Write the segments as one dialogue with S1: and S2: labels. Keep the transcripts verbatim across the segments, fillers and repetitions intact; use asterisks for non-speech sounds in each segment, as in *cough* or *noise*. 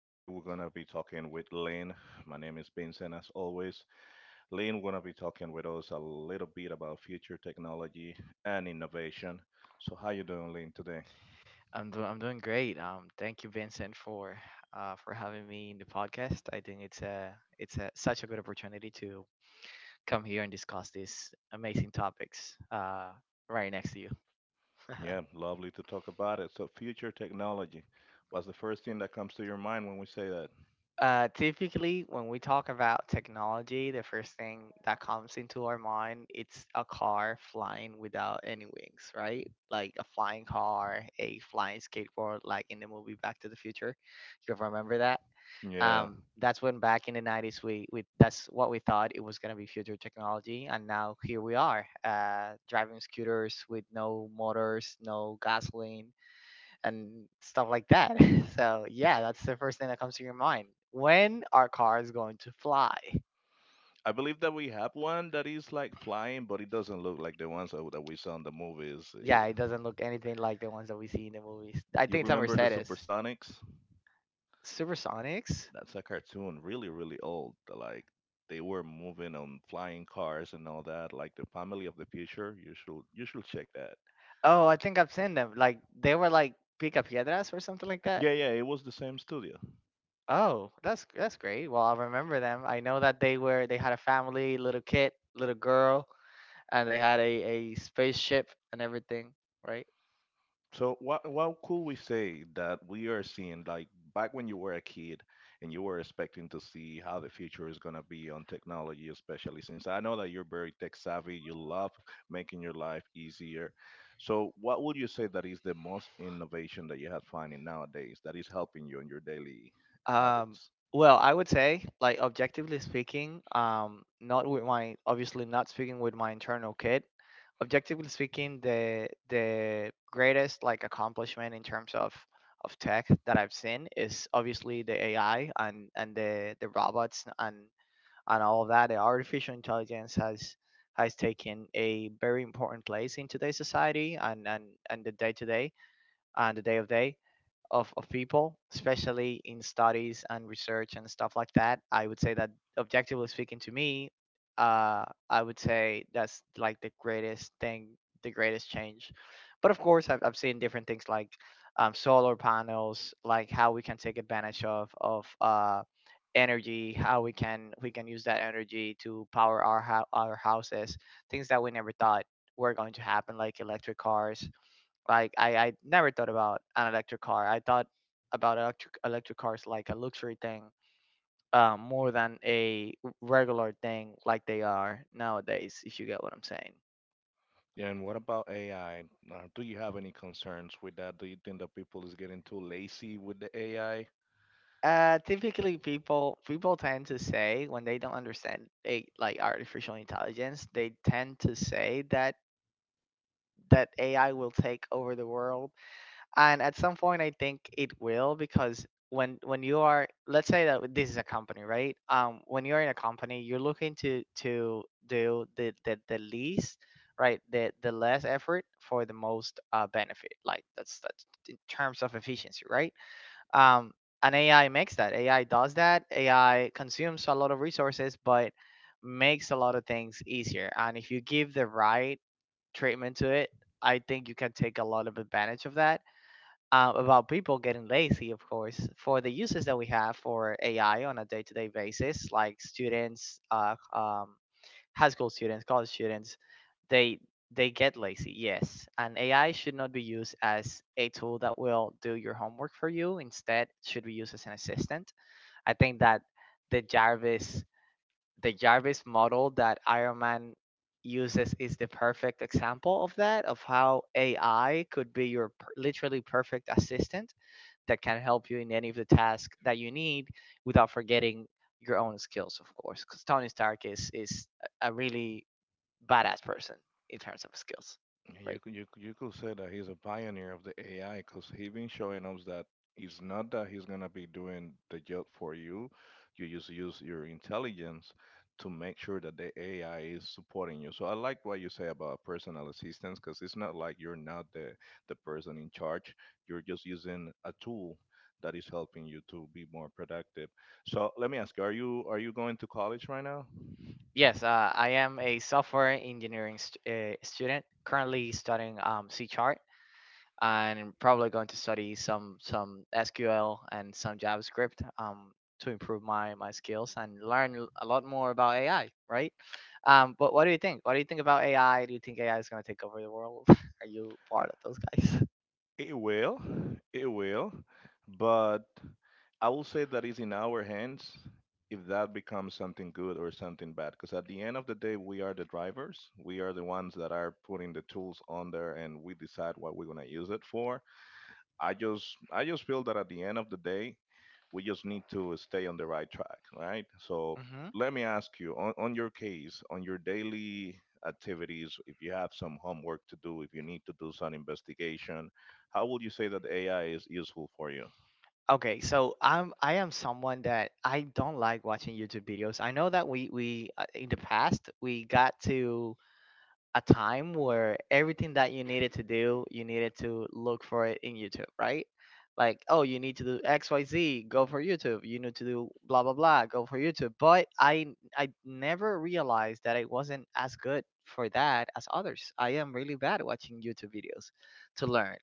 S1: Today, we're going to be talking with Lynn. My name is Vincent, as always. Lynn, we're going to be talking with us a little bit about future technology and innovation. So, how you doing, Lynn, today?
S2: I'm do- I'm doing great. Um, thank you, Vincent, for uh, for having me in the podcast. I think it's a it's a, such a good opportunity to come here and discuss these amazing topics uh, right next to you. *laughs*
S1: Yeah, lovely to talk about it. So, future technology. What's the first thing that comes to your mind when we say that?
S2: Uh, typically, when we talk about technology, the first thing that comes into our mind it's a car flying without any wings, right? Like a flying car, a flying skateboard, like in the movie Back to the Future. You remember
S1: Yeah,
S2: um, that's when back in the nineties we, we that's what we thought it was going to be future technology, and now here we are uh, driving scooters with no motors, no gasoline and stuff like that. *laughs* So yeah, that's the first thing that comes to your mind. When are cars going to fly?
S1: I believe that we have one that is like flying, but it doesn't look like the ones that that we saw in the movies. It-
S2: Yeah, it doesn't look anything like the ones that we see in the movies. I
S1: you
S2: think it's a
S1: remember the
S2: Mercedes.
S1: Supersonics?
S2: Supersonics.
S1: That's a cartoon, really really old, like they were moving on flying cars and all that, like the family of the future. You should you should check that.
S2: Oh, I think I've seen them. Like, they were like Pica Piedras or something like that.
S1: Yeah, yeah, it was the same studio.
S2: Oh, that's that's great. Well, I'll remember them. I know that they were they had a family, little kid, little girl, and they had a, a spaceship and everything, right?
S1: So what what could we say that we are seeing, like back when you were a kid, and you were expecting to see how the future is gonna be on technology, especially since I know that you're very tech savvy, you love making your life easier. So what would you say that is the most innovation that you have finding nowadays that is helping you in your daily
S2: Um,
S1: habits?
S2: well, I would say, like, objectively speaking, um, not with my, obviously not speaking with my internal kid. Objectively speaking, the the greatest like accomplishment in terms of of tech that I've seen is obviously the A I, and and the the robots, and and all of that. The artificial intelligence has has taken a very important place in today's society, and and and the day to day and the day of day of, of people, especially in studies and research and stuff like that. I would say that, objectively speaking, to me, uh, I would say that's like the greatest thing, the greatest change. But of course, I've, I've seen different things like um, solar panels, like how we can take advantage of of uh, energy, how we can we can use that energy to power our hou- our houses, things that we never thought were going to happen, like electric cars. Like I, I never thought about an electric car. I thought about electric electric cars like a luxury thing, uh, more than a regular thing like they are nowadays, if you get what I'm saying.
S1: Yeah. And what about A I? Uh, do you have any concerns with that? Do you think that people is getting too lazy with the A I?
S2: Uh, typically people people tend to say, when they don't understand a, like, artificial intelligence, they tend to say that that A I will take over the world. And at some point, I think it will, because when when you are, let's say that this is a company, right? um when you're in a company, you're looking to to do the the, the least, right? The the less effort for the most uh benefit, like that's that's in terms of efficiency, right? um and AI makes that. AI does that. AI consumes a lot of resources, but makes a lot of things easier, and if you give the right treatment to it, I think you can take a lot of advantage of that. um, about people getting lazy, of course, for the uses that we have for A I on a day to day basis, like students, uh, um, high school students, college students, they they get lazy, yes. And A I should not be used as a tool that will do your homework for you. Instead, it should be used as an assistant. I think that the Jarvis the Jarvis model that Iron Man uses is the perfect example of that, of how A I could be your per- literally perfect assistant that can help you in any of the tasks that you need without forgetting your own skills, of course. Because Tony Stark is is a really badass person in terms of skills,
S1: You
S2: right?
S1: could, you, could- you could say that he's a pioneer of the A I, because he been showing us that it's not that he's gonna be doing the job for you. You just use your intelligence to make sure that the A I is supporting you. So I like what you say about personal assistance, because it's not like you're not the the person in charge. You're just using a tool that is helping you to be more productive. So let me ask you, are you are you going to college right now?
S2: Yes, uh, I am a software engineering st- uh, student, currently studying um, C chart, and I'm probably going to study some some S Q L and some JavaScript um, to improve my my skills and learn a lot more about A I, right? Um, but what do you think? What do you think about A I? Do you think A I is going to take over the world? *laughs* Are you part of those guys?
S1: It will, it will, but I will say that it's in our hands if that becomes something good or something bad. Because at the end of the day, we are the drivers. We are the ones that are putting the tools on there, and we decide what we're gonna use it for. I just, I just feel that at the end of the day, we just need to stay on the right track, right? So
S2: Hmm.
S1: let me ask you on, on your case, on your daily activities, if you have some homework to do, if you need to do some investigation, how would you say that A I is useful for you?
S2: Okay, so I'm I am someone that I don't like watching YouTube videos. I know that we we uh, in the past, we got to a time where everything that you needed to do, you needed to look for it in YouTube, right? Like, oh, you need to do X Y Z, go for YouTube. You need to do blah blah blah, go for YouTube. But I I never realized that I wasn't as good for that as others. I am really bad at watching YouTube videos to learn.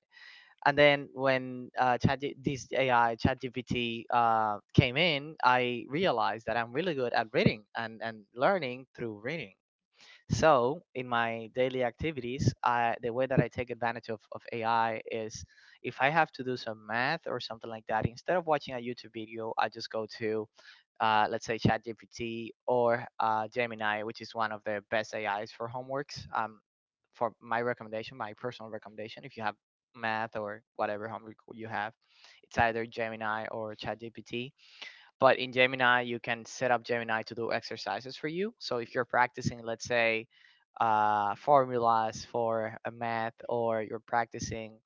S2: And then when uh, Chat this A I ChatGPT uh, came in, I realized that I'm really good at reading, and, and learning through reading. So in my daily activities, I, the way that I take advantage of, of A I is, if I have to do some math or something like that, instead of watching a YouTube video, I just go to, uh, let's say, ChatGPT or uh, Gemini, which is one of the best A Is for homeworks. Um, for my recommendation, my personal recommendation, if you have math or whatever homework you have, it's either Gemini or ChatGPT. But in Gemini, you can set up Gemini to do exercises for you. So if you're practicing, let's say, uh, formulas for a math, or you're practicing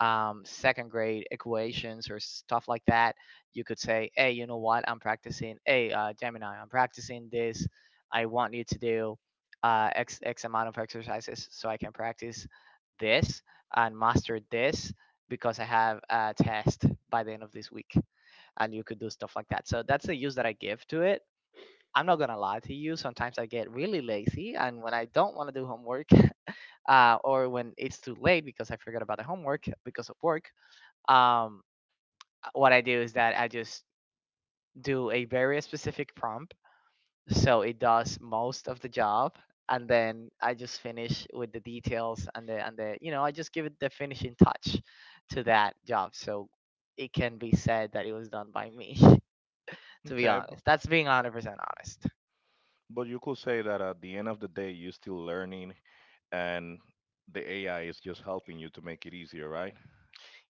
S2: um, second grade equations or stuff like that, you could say, "Hey, you know what? I'm practicing. Hey, uh, Gemini, I'm practicing this. I want you to do uh, x x amount of exercises so I can practice this and master this, because I have a test by the end of this week." And you could do stuff like that. So that's the use that I give to it. I'm not gonna lie to you. Sometimes I get really lazy, and when I don't want to do homework, *laughs* uh, or when it's too late because I forgot about the homework because of work, um, what I do is that I just do a very specific prompt, so it does most of the job, and then I just finish with the details, and the and the you know I just give it the finishing touch to that job, so it can be said that it was done by me. *laughs* To be
S1: Okay, b-
S2: honest. That's being one hundred percent honest.
S1: but you could say that at the end of the day, you're still learning, and the A I is just helping you to make it easier, right?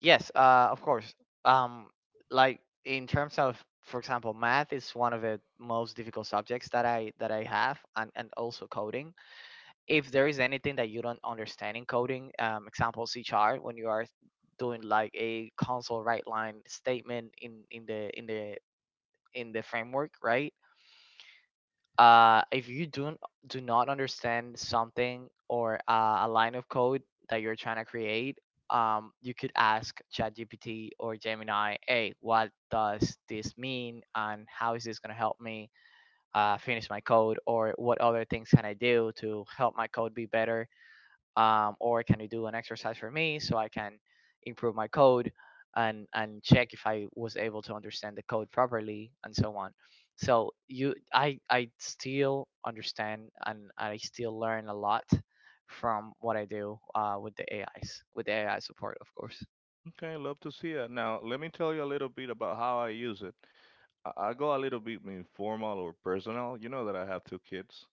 S2: Yes, uh, of course. Um, like in terms of, for example, math is one of the most difficult subjects that I that I have, and and also coding. If there is anything that you don't understand in coding, um, example C chart, when you are doing like a console right line statement in in the in the in the framework, right? Uh, if you don't do not understand something, or uh, a line of code that you're trying to create, um, you could ask ChatGPT or Gemini, "Hey, what does this mean, and how is this going to help me uh, finish my code, or what other things can I do to help my code be better?" um, or can you do an exercise for me so I can improve my code and and check if I was able to understand the code properly and so on. So you, I I still understand and I still learn a lot from what I do uh, with the AIs with the A I support, of course.
S1: Okay, love to see it. Now, let me tell you a little bit about how I use it. I, I go a little bit informal or personal. You know that I have two kids.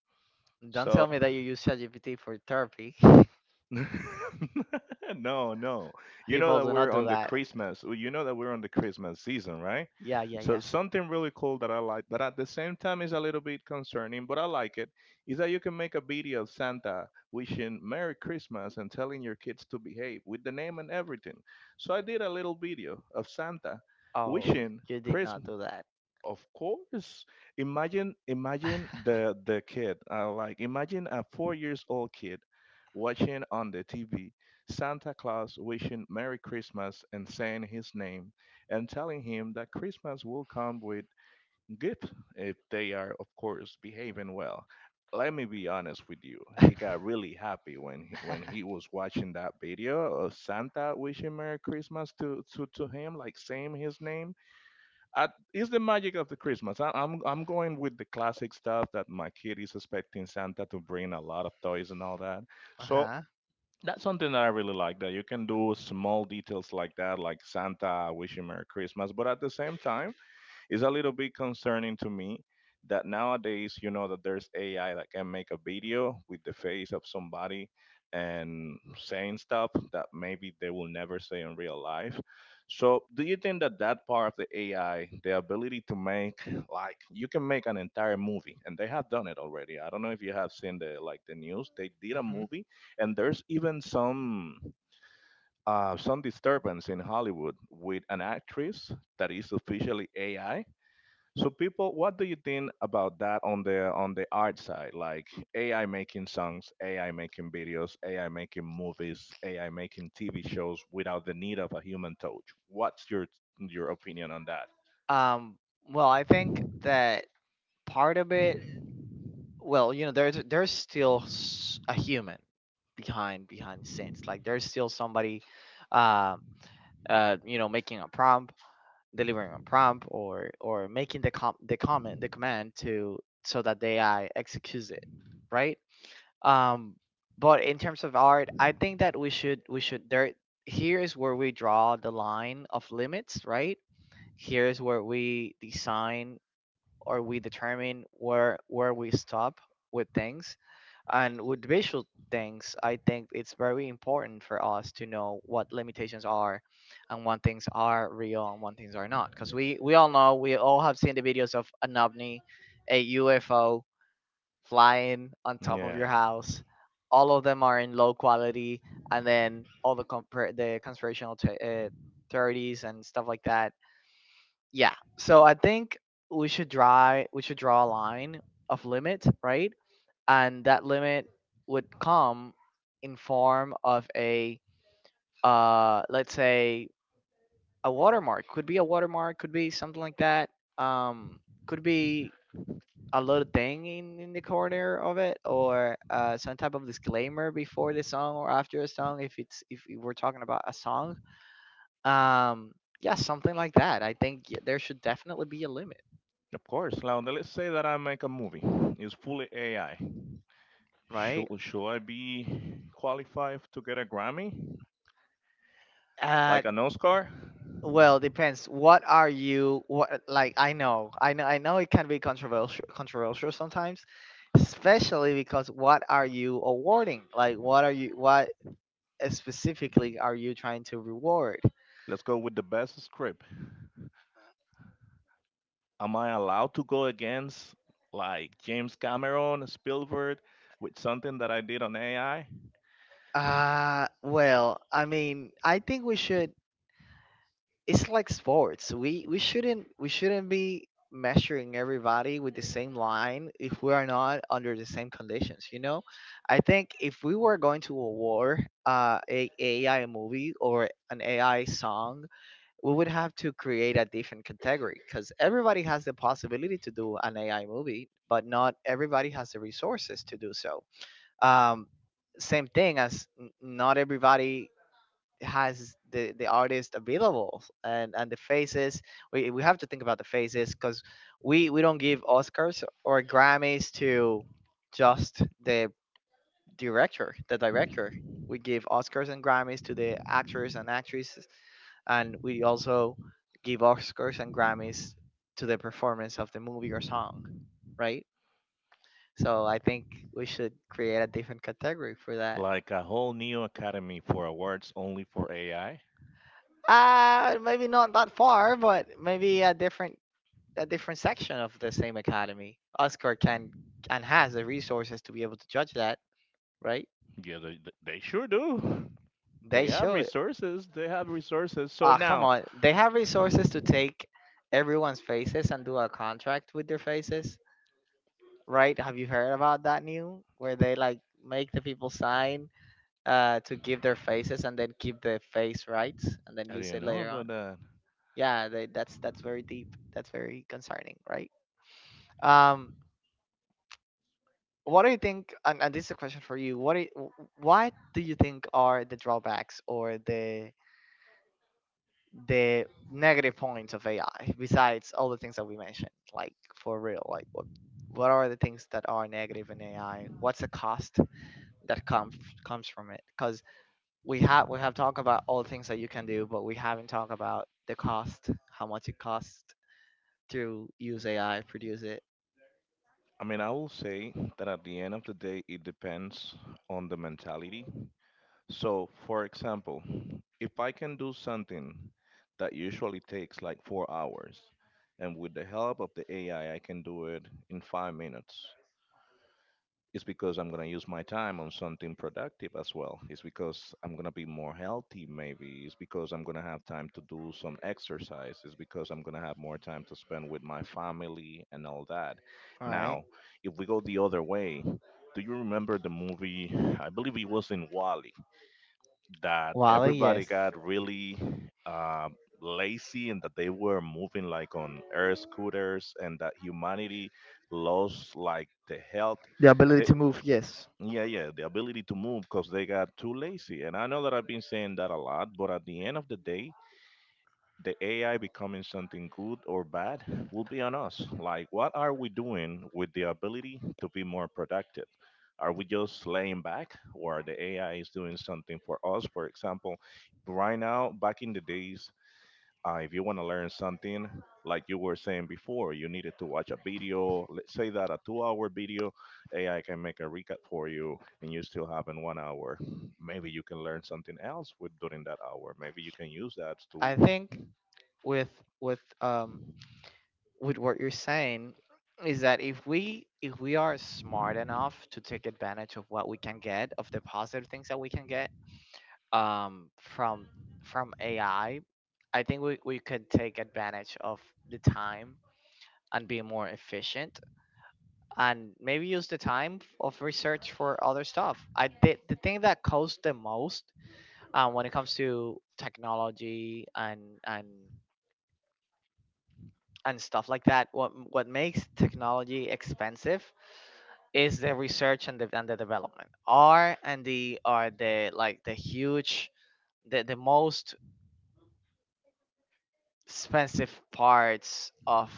S2: Don't tell
S1: So,
S2: me that you use ChatGPT for therapy. *laughs*
S1: *laughs* no, no. You know
S2: People
S1: that
S2: do not
S1: we're
S2: do
S1: on the
S2: that.
S1: Christmas. Well, you know that we're on the Christmas season, right?
S2: Yeah, yeah,
S1: So
S2: yeah.
S1: something really cool that I like, that at the same time is a little bit concerning, but I like it, is that you can make a video of Santa wishing Merry Christmas and telling your kids to behave with the name and everything. So I did a little video of Santa
S2: Oh,
S1: wishing
S2: you did
S1: Chris.
S2: not do that.
S1: Of course. Imagine, imagine the
S2: *laughs*
S1: the kid. Uh, like imagine a four years old kid watching on the T V Santa Claus wishing Merry Christmas and saying his name, and telling him that Christmas will come with gift, if they are, of course, behaving well. Let me be honest with you. He got really happy when he, when he was
S2: *laughs*
S1: watching that video of Santa wishing Merry Christmas to, to, to him, like saying his name. I, it's the magic of the Christmas. I, I'm I'm going with the classic stuff that my kid is expecting Santa to bring a lot of toys and all that.
S2: uh Bro,
S1: So
S2: huh.
S1: that's something that I really like that you can do small details like that, like Santa, I wish you Merry Christmas, but at the same time it's a little bit concerning to me that nowadays, you know, that there's A I that can make a video with the face of somebody and saying stuff that maybe they will never say in real life. So, do you think that that part of the A I, the ability to make, like you can make an entire movie, and they have done it already? I don't know if you have seen the like the news. They did a movie, and there's even some uh, some disturbance in Hollywood with an actress that is officially A I. So, people, what do you think about that on the on the art side? Like A I making songs, A I making videos, AI making movies, A I making T V shows without the need of a human touch. What's your your opinion on that?
S2: Um, well, I think that part of it, well, you know, there's there's still s- a human behind behind scenes. Like, there's still somebody, uh, uh, you know, making a prompt, delivering a prompt, or or making the com- the comment, the command to, so that the A I executes it, right? Um, but in terms of art, I think that we should we should there here is where we draw the line of limits, right? Here is where we design, or we determine where where we stop with things. And with visual things, I think it's very important for us to know what limitations are and what things are real and what things are not, because we we all know, we all have seen the videos of an ovni, a UFO, flying on top of your
S1: Yeah.
S2: house. All of them are in low quality, and then all the compar the conspirational the- uh, thirties and stuff like that, yeah. So I think we should draw we should draw a line of limit, right? And that limit would come in form of a, uh let's say, a watermark. Could be a watermark, could be something like that. Um could be a little thing in, in the corner of it or uh, some type of disclaimer before the song or after a song if it's if we're talking about a song. um yeah, something like that. I think y- there should definitely be a limit,
S1: Of course. Now let's say that I make a movie. It's fully A I.
S2: right.
S1: Should should I be qualified to get a Grammy?
S2: Uh,
S1: Like an Oscar?
S2: well, depends. What are you? What like? I know, I know, I know. It can be controversial, controversial sometimes, especially because what are you awarding? Like, what are you? What specifically are you trying to reward?
S1: Let's go with the best script. Am I allowed to go against like James Cameron, Spielberg, with something that I did on A I?
S2: Uh, well, I mean, I think we should it's like sports. We we shouldn't we shouldn't be measuring everybody with the same line if we are not under the same conditions. You know, I think if we were going to award uh, a AI movie or an A I song, we would have to create a different category because everybody has the possibility to do an A I movie, but not everybody has the resources to do so. Um, same thing as n- not everybody has the the artist available and and the faces. We, we have to think about the faces, because we we don't give oscars or grammys to just the director the director. We give oscars and grammys to the actors and actresses, and we also give oscars and grammys to the performance of the movie or song, right? So I think we should create a different category for that.
S1: Like a whole new academy for awards only for A I?
S2: Uh maybe not that far, but maybe a different— a different section of the same academy. Oscar can and has the resources to be able to judge that, right?
S1: Yeah, they, they they sure do.
S2: They
S1: They have
S2: show it.
S1: resources. They have resources. So
S2: Ah, come
S1: now,
S2: on. They have resources to take everyone's faces and do a contract with their faces, right? Have you heard about that new where they like make the people sign uh to give their faces and then keep the face rights and then
S1: I
S2: use
S1: didn't
S2: it
S1: know
S2: later
S1: about
S2: on?
S1: that.
S2: Yeah, they, that's that's very deep. That's very concerning, right? Um what do you think— and, and this is a question for you. What do you, w- what do you think are the drawbacks or the the negative points of ai, besides all the things that we mentioned? Like, for real, like what what are the things that are negative in ai? What's the cost that comes comes from it? Because we have we have talked about all the things that you can do, but we haven't talked about the cost, how much it costs to use ai, produce it.
S1: I mean, I will say that at the end of the day, it depends on the mentality. So, for example, if I can do something that usually takes like four hours, and with the help of the A I, I I can do it in five minutes, it's because I'm going to use my time on something productive as well. It's because I'm going to be more healthy, maybe. It's because I'm going to have time to do some exercise. It's because I'm going to have more time to spend with my family and all that.
S2: All right.
S1: Now, if we go the other way, do you remember the movie? I believe it was in Wally, that
S2: Wally,
S1: everybody
S2: yes.
S1: got really um, lazy, and that they were moving like on air scooters, and that humanity lost like the health.
S2: The ability
S1: They,
S2: to move, yes.
S1: yeah, yeah, the ability to move, because they got too lazy, and I know that I've been saying that a lot, but at the end of the day, the A I becoming something good or bad will be on us. Like, what are we doing with the ability to be more productive? Are we just laying back, or the A I is doing something for us? For example, right now, back in the days, uh, if you want to learn something, like you were saying before, you needed to watch a video. Let's say that a two-hour video, A I can make a recap for you, and you still have in one hour, maybe you can learn something else with, during that hour maybe you can use that to.
S2: I think with with um with what you're saying is that if we if we are smart enough to take advantage of what we can get, of the positive things that we can get um from from A I, I I think we, we could take advantage of the time and be more efficient, and maybe use the time f- of research for other stuff. I the, the thing that costs the most, um, when it comes to technology and and and stuff like that— What what makes technology expensive is the research and the and the development. R and D are the like the huge the, the most expensive parts of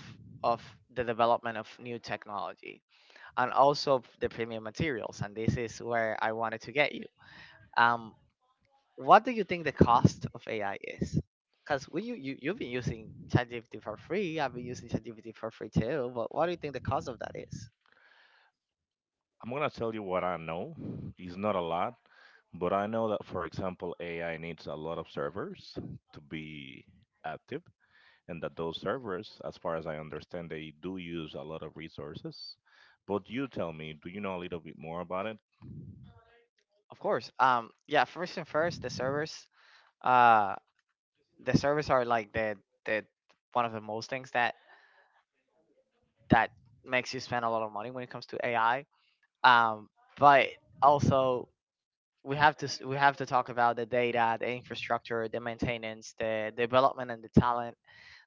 S2: of the development of new technology, and also the premium materials. And this is where I wanted to get you. Um what do you think the cost of A I is? Because we you, you you've been using ChatGPT for free. I've been using ChatGPT for free too. But what do you think the cost of that is?
S1: I'm gonna tell you what I know. It's not a lot, but I know that, for example, A I needs a lot of servers to be active, and that those servers, as far as I understand, they do use a lot of resources. But you tell me, do you know a little bit more about it?
S2: Of course. Um, yeah. First and first, the servers. Uh, the servers are like the the one of the most things that that makes you spend a lot of money when it comes to A I. Um, but also we have to s- we have to talk about the data, the infrastructure, the maintenance, the development, and the talent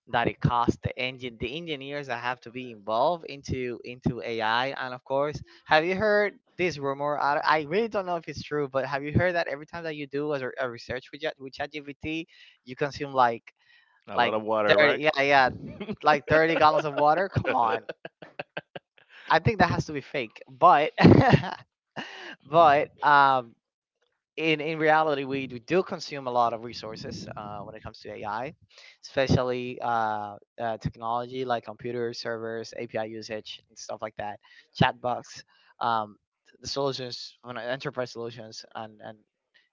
S2: that it costs, the engine the engineers that have to be involved into into A I. And of course, have you heard this rumor? I, I really don't know if it's true, but have you heard that every time that you do a, re- a research with Chat- with ChatGPT you consume like—
S1: A lot
S2: like
S1: of water,
S2: thirty,
S1: right?
S2: yeah, yeah, like thirty gallons of water, come on.
S1: *laughs*
S2: I think that has to be fake, but *laughs* but um in in reality, we we do consume a lot of resources, uh, when it comes to A I, especially uh, uh, technology like computers, servers, A P I usage, and stuff like that. Chatbots, um, the solutions, when I- enterprise solutions, and and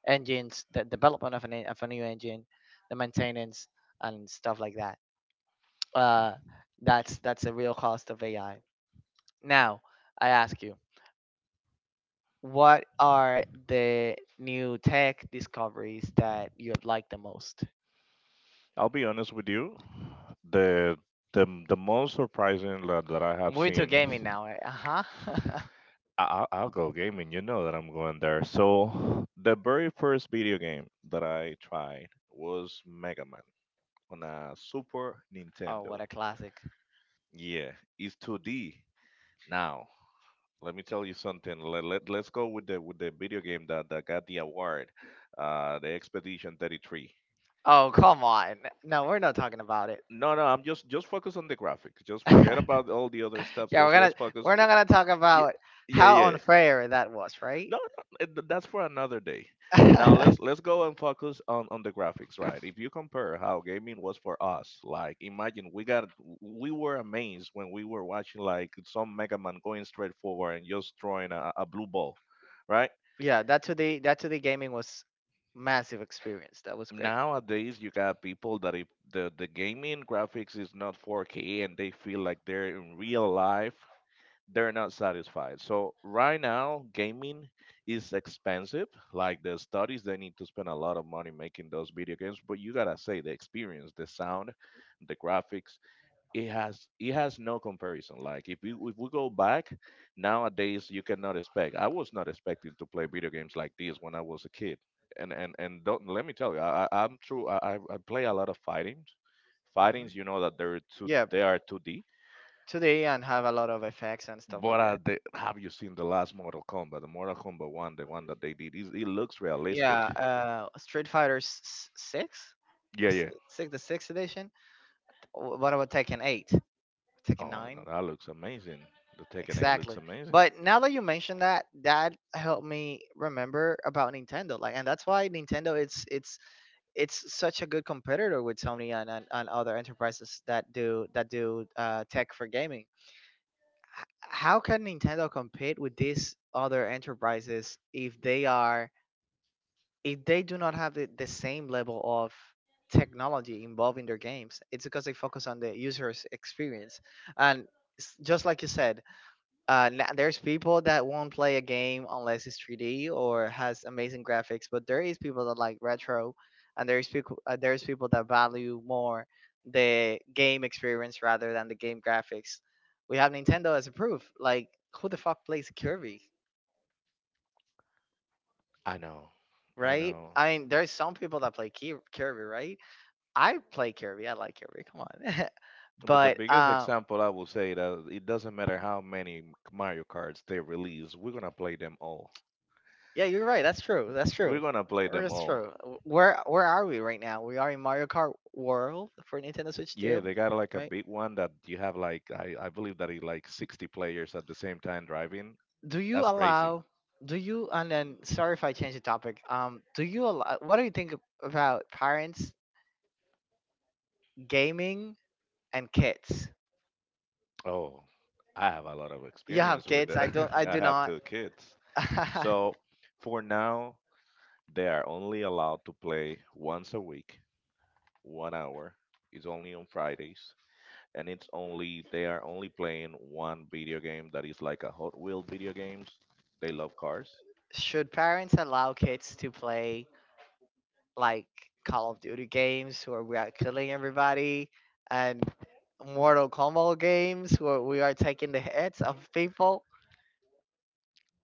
S2: engines, the development of an en- of a new engine, the maintenance, and stuff like that. Uh, that's that's a real cost of A I. Now, I ask you, what are the new tech discoveries that you have liked the most?
S1: I'll be honest with you. The the the most surprising that, that I have
S2: Moving to
S1: seen
S2: gaming
S1: is.
S2: now, right? Uh huh.
S1: I- I'll, I'll go gaming. You know that I'm going there. So the very first video game that I tried was Mega Man on a Super
S2: *laughs* Oh, what
S1: Nintendo.
S2: a classic.
S1: Yeah, it's two D. Now, let me tell you something. Let, let, let's go with the with the video game that, that got the award, uh, the Expedition thirty-three.
S2: Oh, come on. No, we're not talking about it.
S1: No, no, I'm just just focus on the graphics. Just
S2: *laughs*
S1: forget about all the other stuff.
S2: Yeah, we're
S1: Just let's
S2: gonna
S1: focus.
S2: we're not gonna talk
S1: Yeah,
S2: about
S1: yeah,
S2: how
S1: yeah.
S2: unfair that was, right?
S1: No, no, it- th- that's for another day. Now let's
S2: *laughs*
S1: let's go and focus on on the graphics, right? If you compare how gaming was for us, like imagine we got we were amazed when we were watching like some Mega Man going straight forward and just throwing a, a blue ball, right?
S2: Yeah, that today that today gaming was massive experience. That was great.
S1: Nowadays you got people that if the, the gaming graphics is not four K and they feel like they're in real life, they're not satisfied. So right now gaming is expensive. Like the studies they need to spend a lot of money making those video games, but you gotta say, the experience, the sound, the graphics, it has it has no comparison. Like if you if we go back nowadays, you cannot expect. I was not expecting to play video games like this when I was a kid. And and and don't let me tell you, I, I I'm true. I I I play a lot of fighting. Fightings,
S2: Mhm.
S1: you know that they're two
S2: Yeah,
S1: they are two D.
S2: today and have a lot of effects and stuff
S1: But
S2: like
S1: uh,
S2: that.
S1: they, have you seen the last Mortal Kombat, the Mortal Kombat one, the one that they did? It, it looks
S2: Yeah,
S1: realistic.
S2: uh, Street Fighter s- s- Six,
S1: Yeah,
S2: S-
S1: yeah.
S2: Six the Sixth Edition. Wh- What about Tekken Eight, Tekken
S1: Oh no,
S2: Nine?
S1: that looks amazing. The Tekken eight looks
S2: Exactly.
S1: amazing.
S2: But now that you mentioned that, that helped me remember about Nintendo. Like, and that's why Nintendo it's it's it's such a good competitor with Sony and, and, and other enterprises that do that do uh, tech for gaming. H- How can Nintendo compete with these other enterprises if they are— if they do not have the, the same level of technology involved in their games, it's because they focus on the user's experience. And s- just like you said, uh, na- there's people that won't play a game unless it's three D or has amazing graphics, but there is people that like retro, and there's people uh, there's people that value more the game experience rather than the game graphics. We have Nintendo as a proof. Like, who the fuck plays Kirby,
S1: I know, I
S2: right?
S1: know.
S2: I mean, there's some people that play Ki- Kirby, right? I play Kirby. I like Kirby. Come on. *laughs*
S1: But the
S2: But
S1: biggest
S2: um,
S1: example I will say that it doesn't matter how many Mario cards they release, we're gonna play them all.
S2: yeah, you're right. That's true. That's
S1: We're
S2: true.
S1: gonna play
S2: Or
S1: them
S2: that's
S1: all.
S2: true. W- Where where are we right now? We are in Mario Kart World for Nintendo Switch
S1: Yeah,
S2: two,
S1: they got like a
S2: right?
S1: big one that you have like I, I believe that it like sixty players at the same time driving.
S2: Do you
S1: That's crazy.
S2: allow? Do you— and then sorry if I change the topic. Um, do you allow? What do you think ab- about parents gaming and kids?
S1: Oh, I have a lot of
S2: You have
S1: experience with
S2: kids.
S1: that.
S2: I don't. I
S1: *laughs* I
S2: do
S1: have
S2: not.
S1: two kids.
S2: *laughs*
S1: So for now, they are only allowed to play once a week, one hour. It's only on Fridays, and it's only they are only playing one video game that is like a Hot Wheel video games. They love cars.
S2: Should parents allow kids to play like Call of Duty games where we are killing everybody, and Mortal Kombat games where we are taking the heads of people?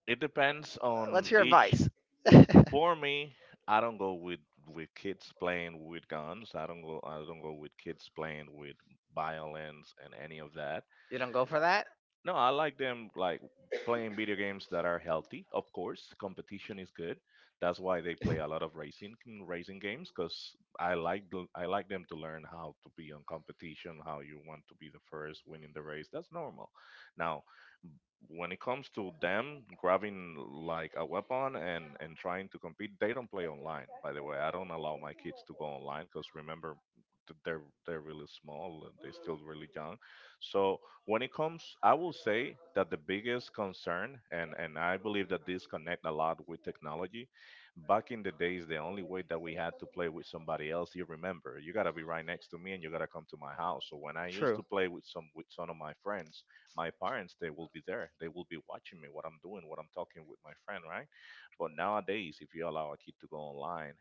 S1: It depends
S2: What's
S1: on
S2: your
S1: each.
S2: advice? *laughs*
S1: For me, I don't go with with kids playing with guns. I don't go. I don't go with kids playing with violence and any of that.
S2: You don't go for that?
S1: No, I like them like playing video games that are healthy. Of course, competition is good. That's why they play a lot of racing mm, racing games because I like the, I like them to learn how to be on competition, how you want to be the first, winning the race. That's normal. Now, when it comes to them grabbing like a weapon and and trying to compete, they don't play online, by the way. I don't allow my kids to go online because, remember, th- they're they're really small and they're still really young. So when it comes, I will say that the biggest concern, and and I believe that this connect a lot with technology. Back in the days, the only way that we had to play with somebody else, you remember, you got to be right next to me, and you got to come to my house. So when I used
S2: True.
S1: to play with some with some of my friends, my parents, they will be there, they will be watching me, what I'm doing, what I'm talking with my friend, right? But nowadays, if you allow a kid to go online,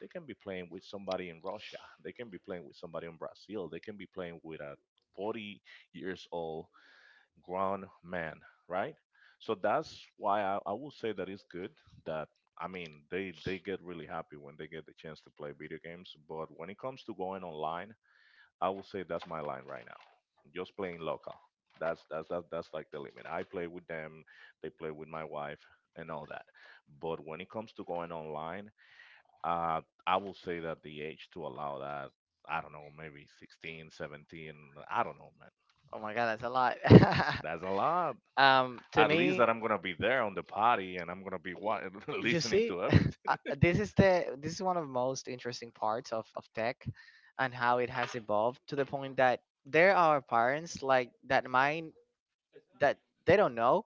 S1: they can be playing with somebody in Russia, they can be playing with somebody in Brazil, they can be playing with a forty years old grown man, right? so that's why i, I will say that it's good that I mean, they, they get really happy when they get the chance to play video games. But when it comes to going online, I will say that's my line right now. Just playing local. That's that's that's, that's like the limit. I play with them, they play with my wife and all that. But when it comes to going online, uh, I will say that the age to allow that, I don't know, maybe sixteen, seventeen, I don't know, man.
S2: Oh my god, that's a lot. *laughs* That's
S1: That's a lot.
S2: lot. *laughs* um, to
S1: At least
S2: me,
S1: that I'm gonna be there on the party and I'm gonna be
S2: y-
S1: wa- *laughs*
S2: you
S1: listening
S2: see,
S1: to
S2: that's *laughs* uh,
S1: everything.
S2: this is the this is one of the most interesting parts of of tech, and how it has evolved to the point that there are parents like that mind that they don't know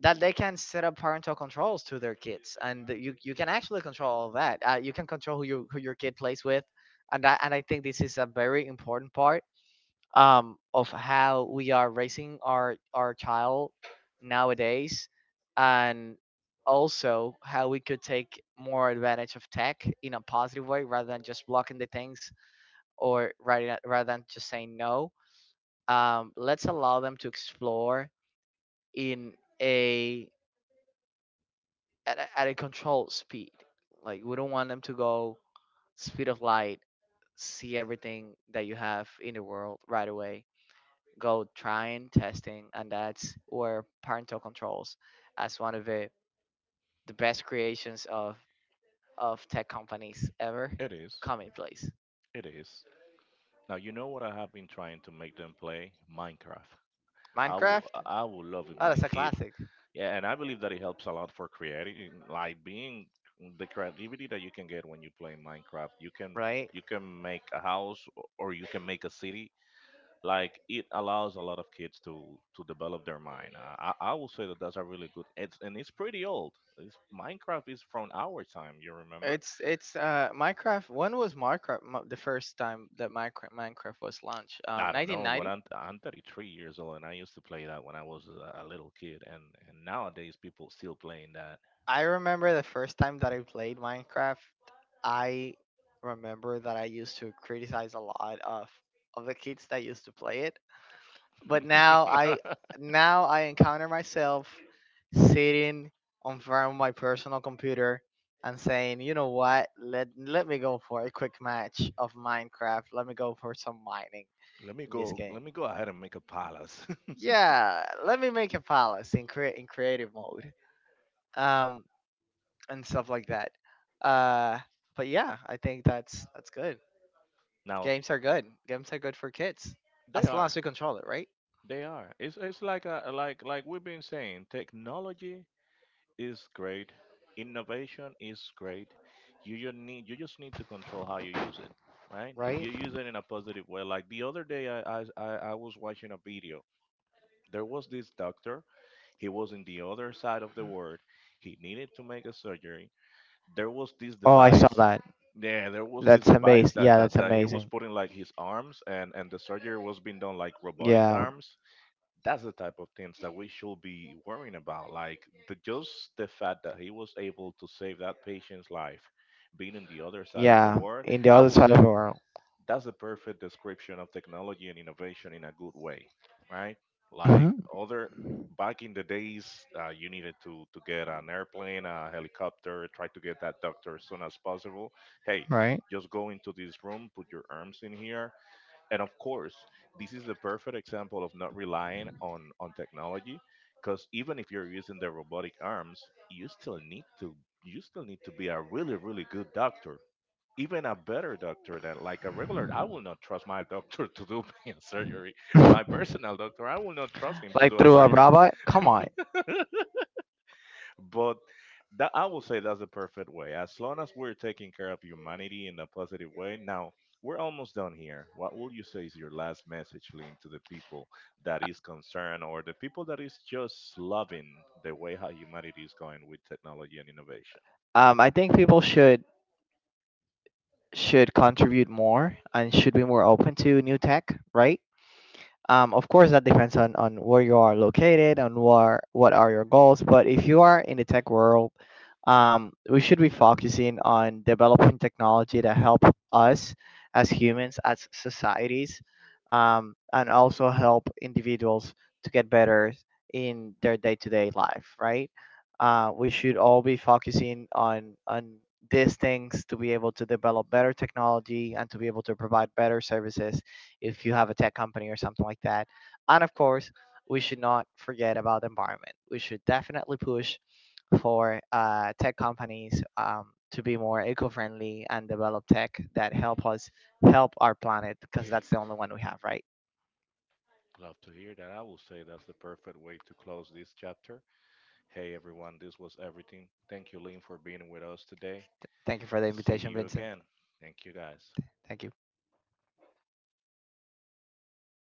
S2: that they can set up parental controls to their kids, and that you you can actually control all that. Uh, you can control who you who your kid plays with, and that, and I think this is a very important part, um, of how we are raising our our child nowadays, and also how we could take more advantage of tech in a positive way rather than just blocking the things, or rather rather than just saying no. Um, let's allow them to explore in a— at, a at a controlled speed. Like we don't want them to go speed of light, see everything that you have in the world right away, go trying, testing. And that's where parental controls as one of the, the best creations of of tech companies ever
S1: It is.
S2: come in place.
S1: It is. Now, you know what I have been trying to make them play? Minecraft. I will
S2: Minecraft.
S1: I will love it,
S2: Oh,
S1: my
S2: that's a
S1: kid.
S2: classic.
S1: Yeah, and I believe that it helps a lot for creating, like being the creativity that you can get when you play Minecraft. You can
S2: Right.
S1: you can make a house or you can make a city. Like, it allows a lot of kids to to develop their mind. Uh, I I will say that that's a really good. It's and it's pretty old. It's, Minecraft is from our time. You remember?
S2: it's it's uh Minecraft— when was minecraft mo- the first time that minecraft minecraft was launched? um
S1: I don't know, but
S2: nineteen ninety?
S1: I'm I'm thirty-three years old, and I used to play that when I was a a little kid, and and nowadays people still playing that.
S2: I remember the first time that I played minecraft, I remember that I used to criticize a lot of of the kids that used to play it. But now I—
S1: *laughs*
S2: now I encounter myself sitting on front of my personal computer and saying, you know what? Let let me go for a quick match of Minecraft. Let me go for some mining
S1: Let me
S2: in this
S1: go.
S2: game.
S1: Let me go ahead and make a palace. *laughs*
S2: Yeah, let me make a palace in crea- in creative mode. Um and stuff like that. Uh but yeah, I think that's that's good.
S1: Now
S2: Games are good. Games are good for kids.
S1: they
S2: As long
S1: are,
S2: as we control it, right?
S1: they are. It's it's like a like like we've been saying, technology is great, innovation is great. You just need you just need to control how you use it, right? If
S2: Right?
S1: you use it in a positive way, like the other day, I I I I was watching a video. There was this doctor. He was in the other side of the world. He needed to make a surgery. There was this
S2: Oh, I saw
S1: device,
S2: that.
S1: yeah, there was this
S2: That's
S1: device
S2: amazing.
S1: that,
S2: Yeah,
S1: that,
S2: that's
S1: that he was
S2: amazing.
S1: putting like his arms, and, and the surgery was being done like robotic
S2: Yeah,
S1: arms. That's the type of things that we should be worrying about. Like, the just the fact that he was able to save that patient's life, being in the other side of the
S2: yeah.
S1: world.
S2: In the
S1: I
S2: other
S1: will
S2: side of the
S1: say
S2: world.
S1: that's a perfect description of technology and innovation in a good way, right? Like,
S2: Hmm.
S1: other back in the days, uh, you needed to to get an airplane, a helicopter, try to get that doctor as soon as possible. Hey,
S2: Right.
S1: just go into this room, put your arms in here, and of course, this is the perfect example of not relying on on technology, because even if you're using the robotic arms, you still need to you still need to be a really really good doctor, even a better doctor than like a regular. I will not trust my *laughs* doctor to do *laughs* me a surgery, my
S2: *laughs*
S1: personal doctor. I will not trust him to do a
S2: A
S1: surgery.
S2: robot?
S1: *laughs*
S2: Come on.
S1: But that, I will say that's the perfect way, as long as we're taking care of humanity in a positive way. Now, we're almost done here. What will you say is your last message, Lynn, to the people that is concerned or the people that is just loving the way how humanity is going with technology and innovation?
S2: Um, I think people should— should contribute more and should be more open to new tech, right? Um, of course, that depends on, on where you are located, on what what are your goals. But if you are in the tech world, um, we should be focusing on developing technology that help us as humans, as societies, um, and also help individuals to get better in their day to day life. Right? Uh, we should all be focusing on on these things to be able to develop better technology and to be able to provide better services if you have a tech company or something like that. And of course, we should not forget about the environment. We should definitely push for uh, tech companies um, to be more eco-friendly and develop tech that help us help our planet, because that's the only one we have, right?
S1: Love to hear that. I will say that's the perfect way to close this chapter. Hey everyone, this was everything. Thank you, Lynn, for being with us today.
S2: Thank you for the
S1: See
S2: invitation,
S1: you
S2: Vincent.
S1: again. Thank you, guys.
S2: Thank you.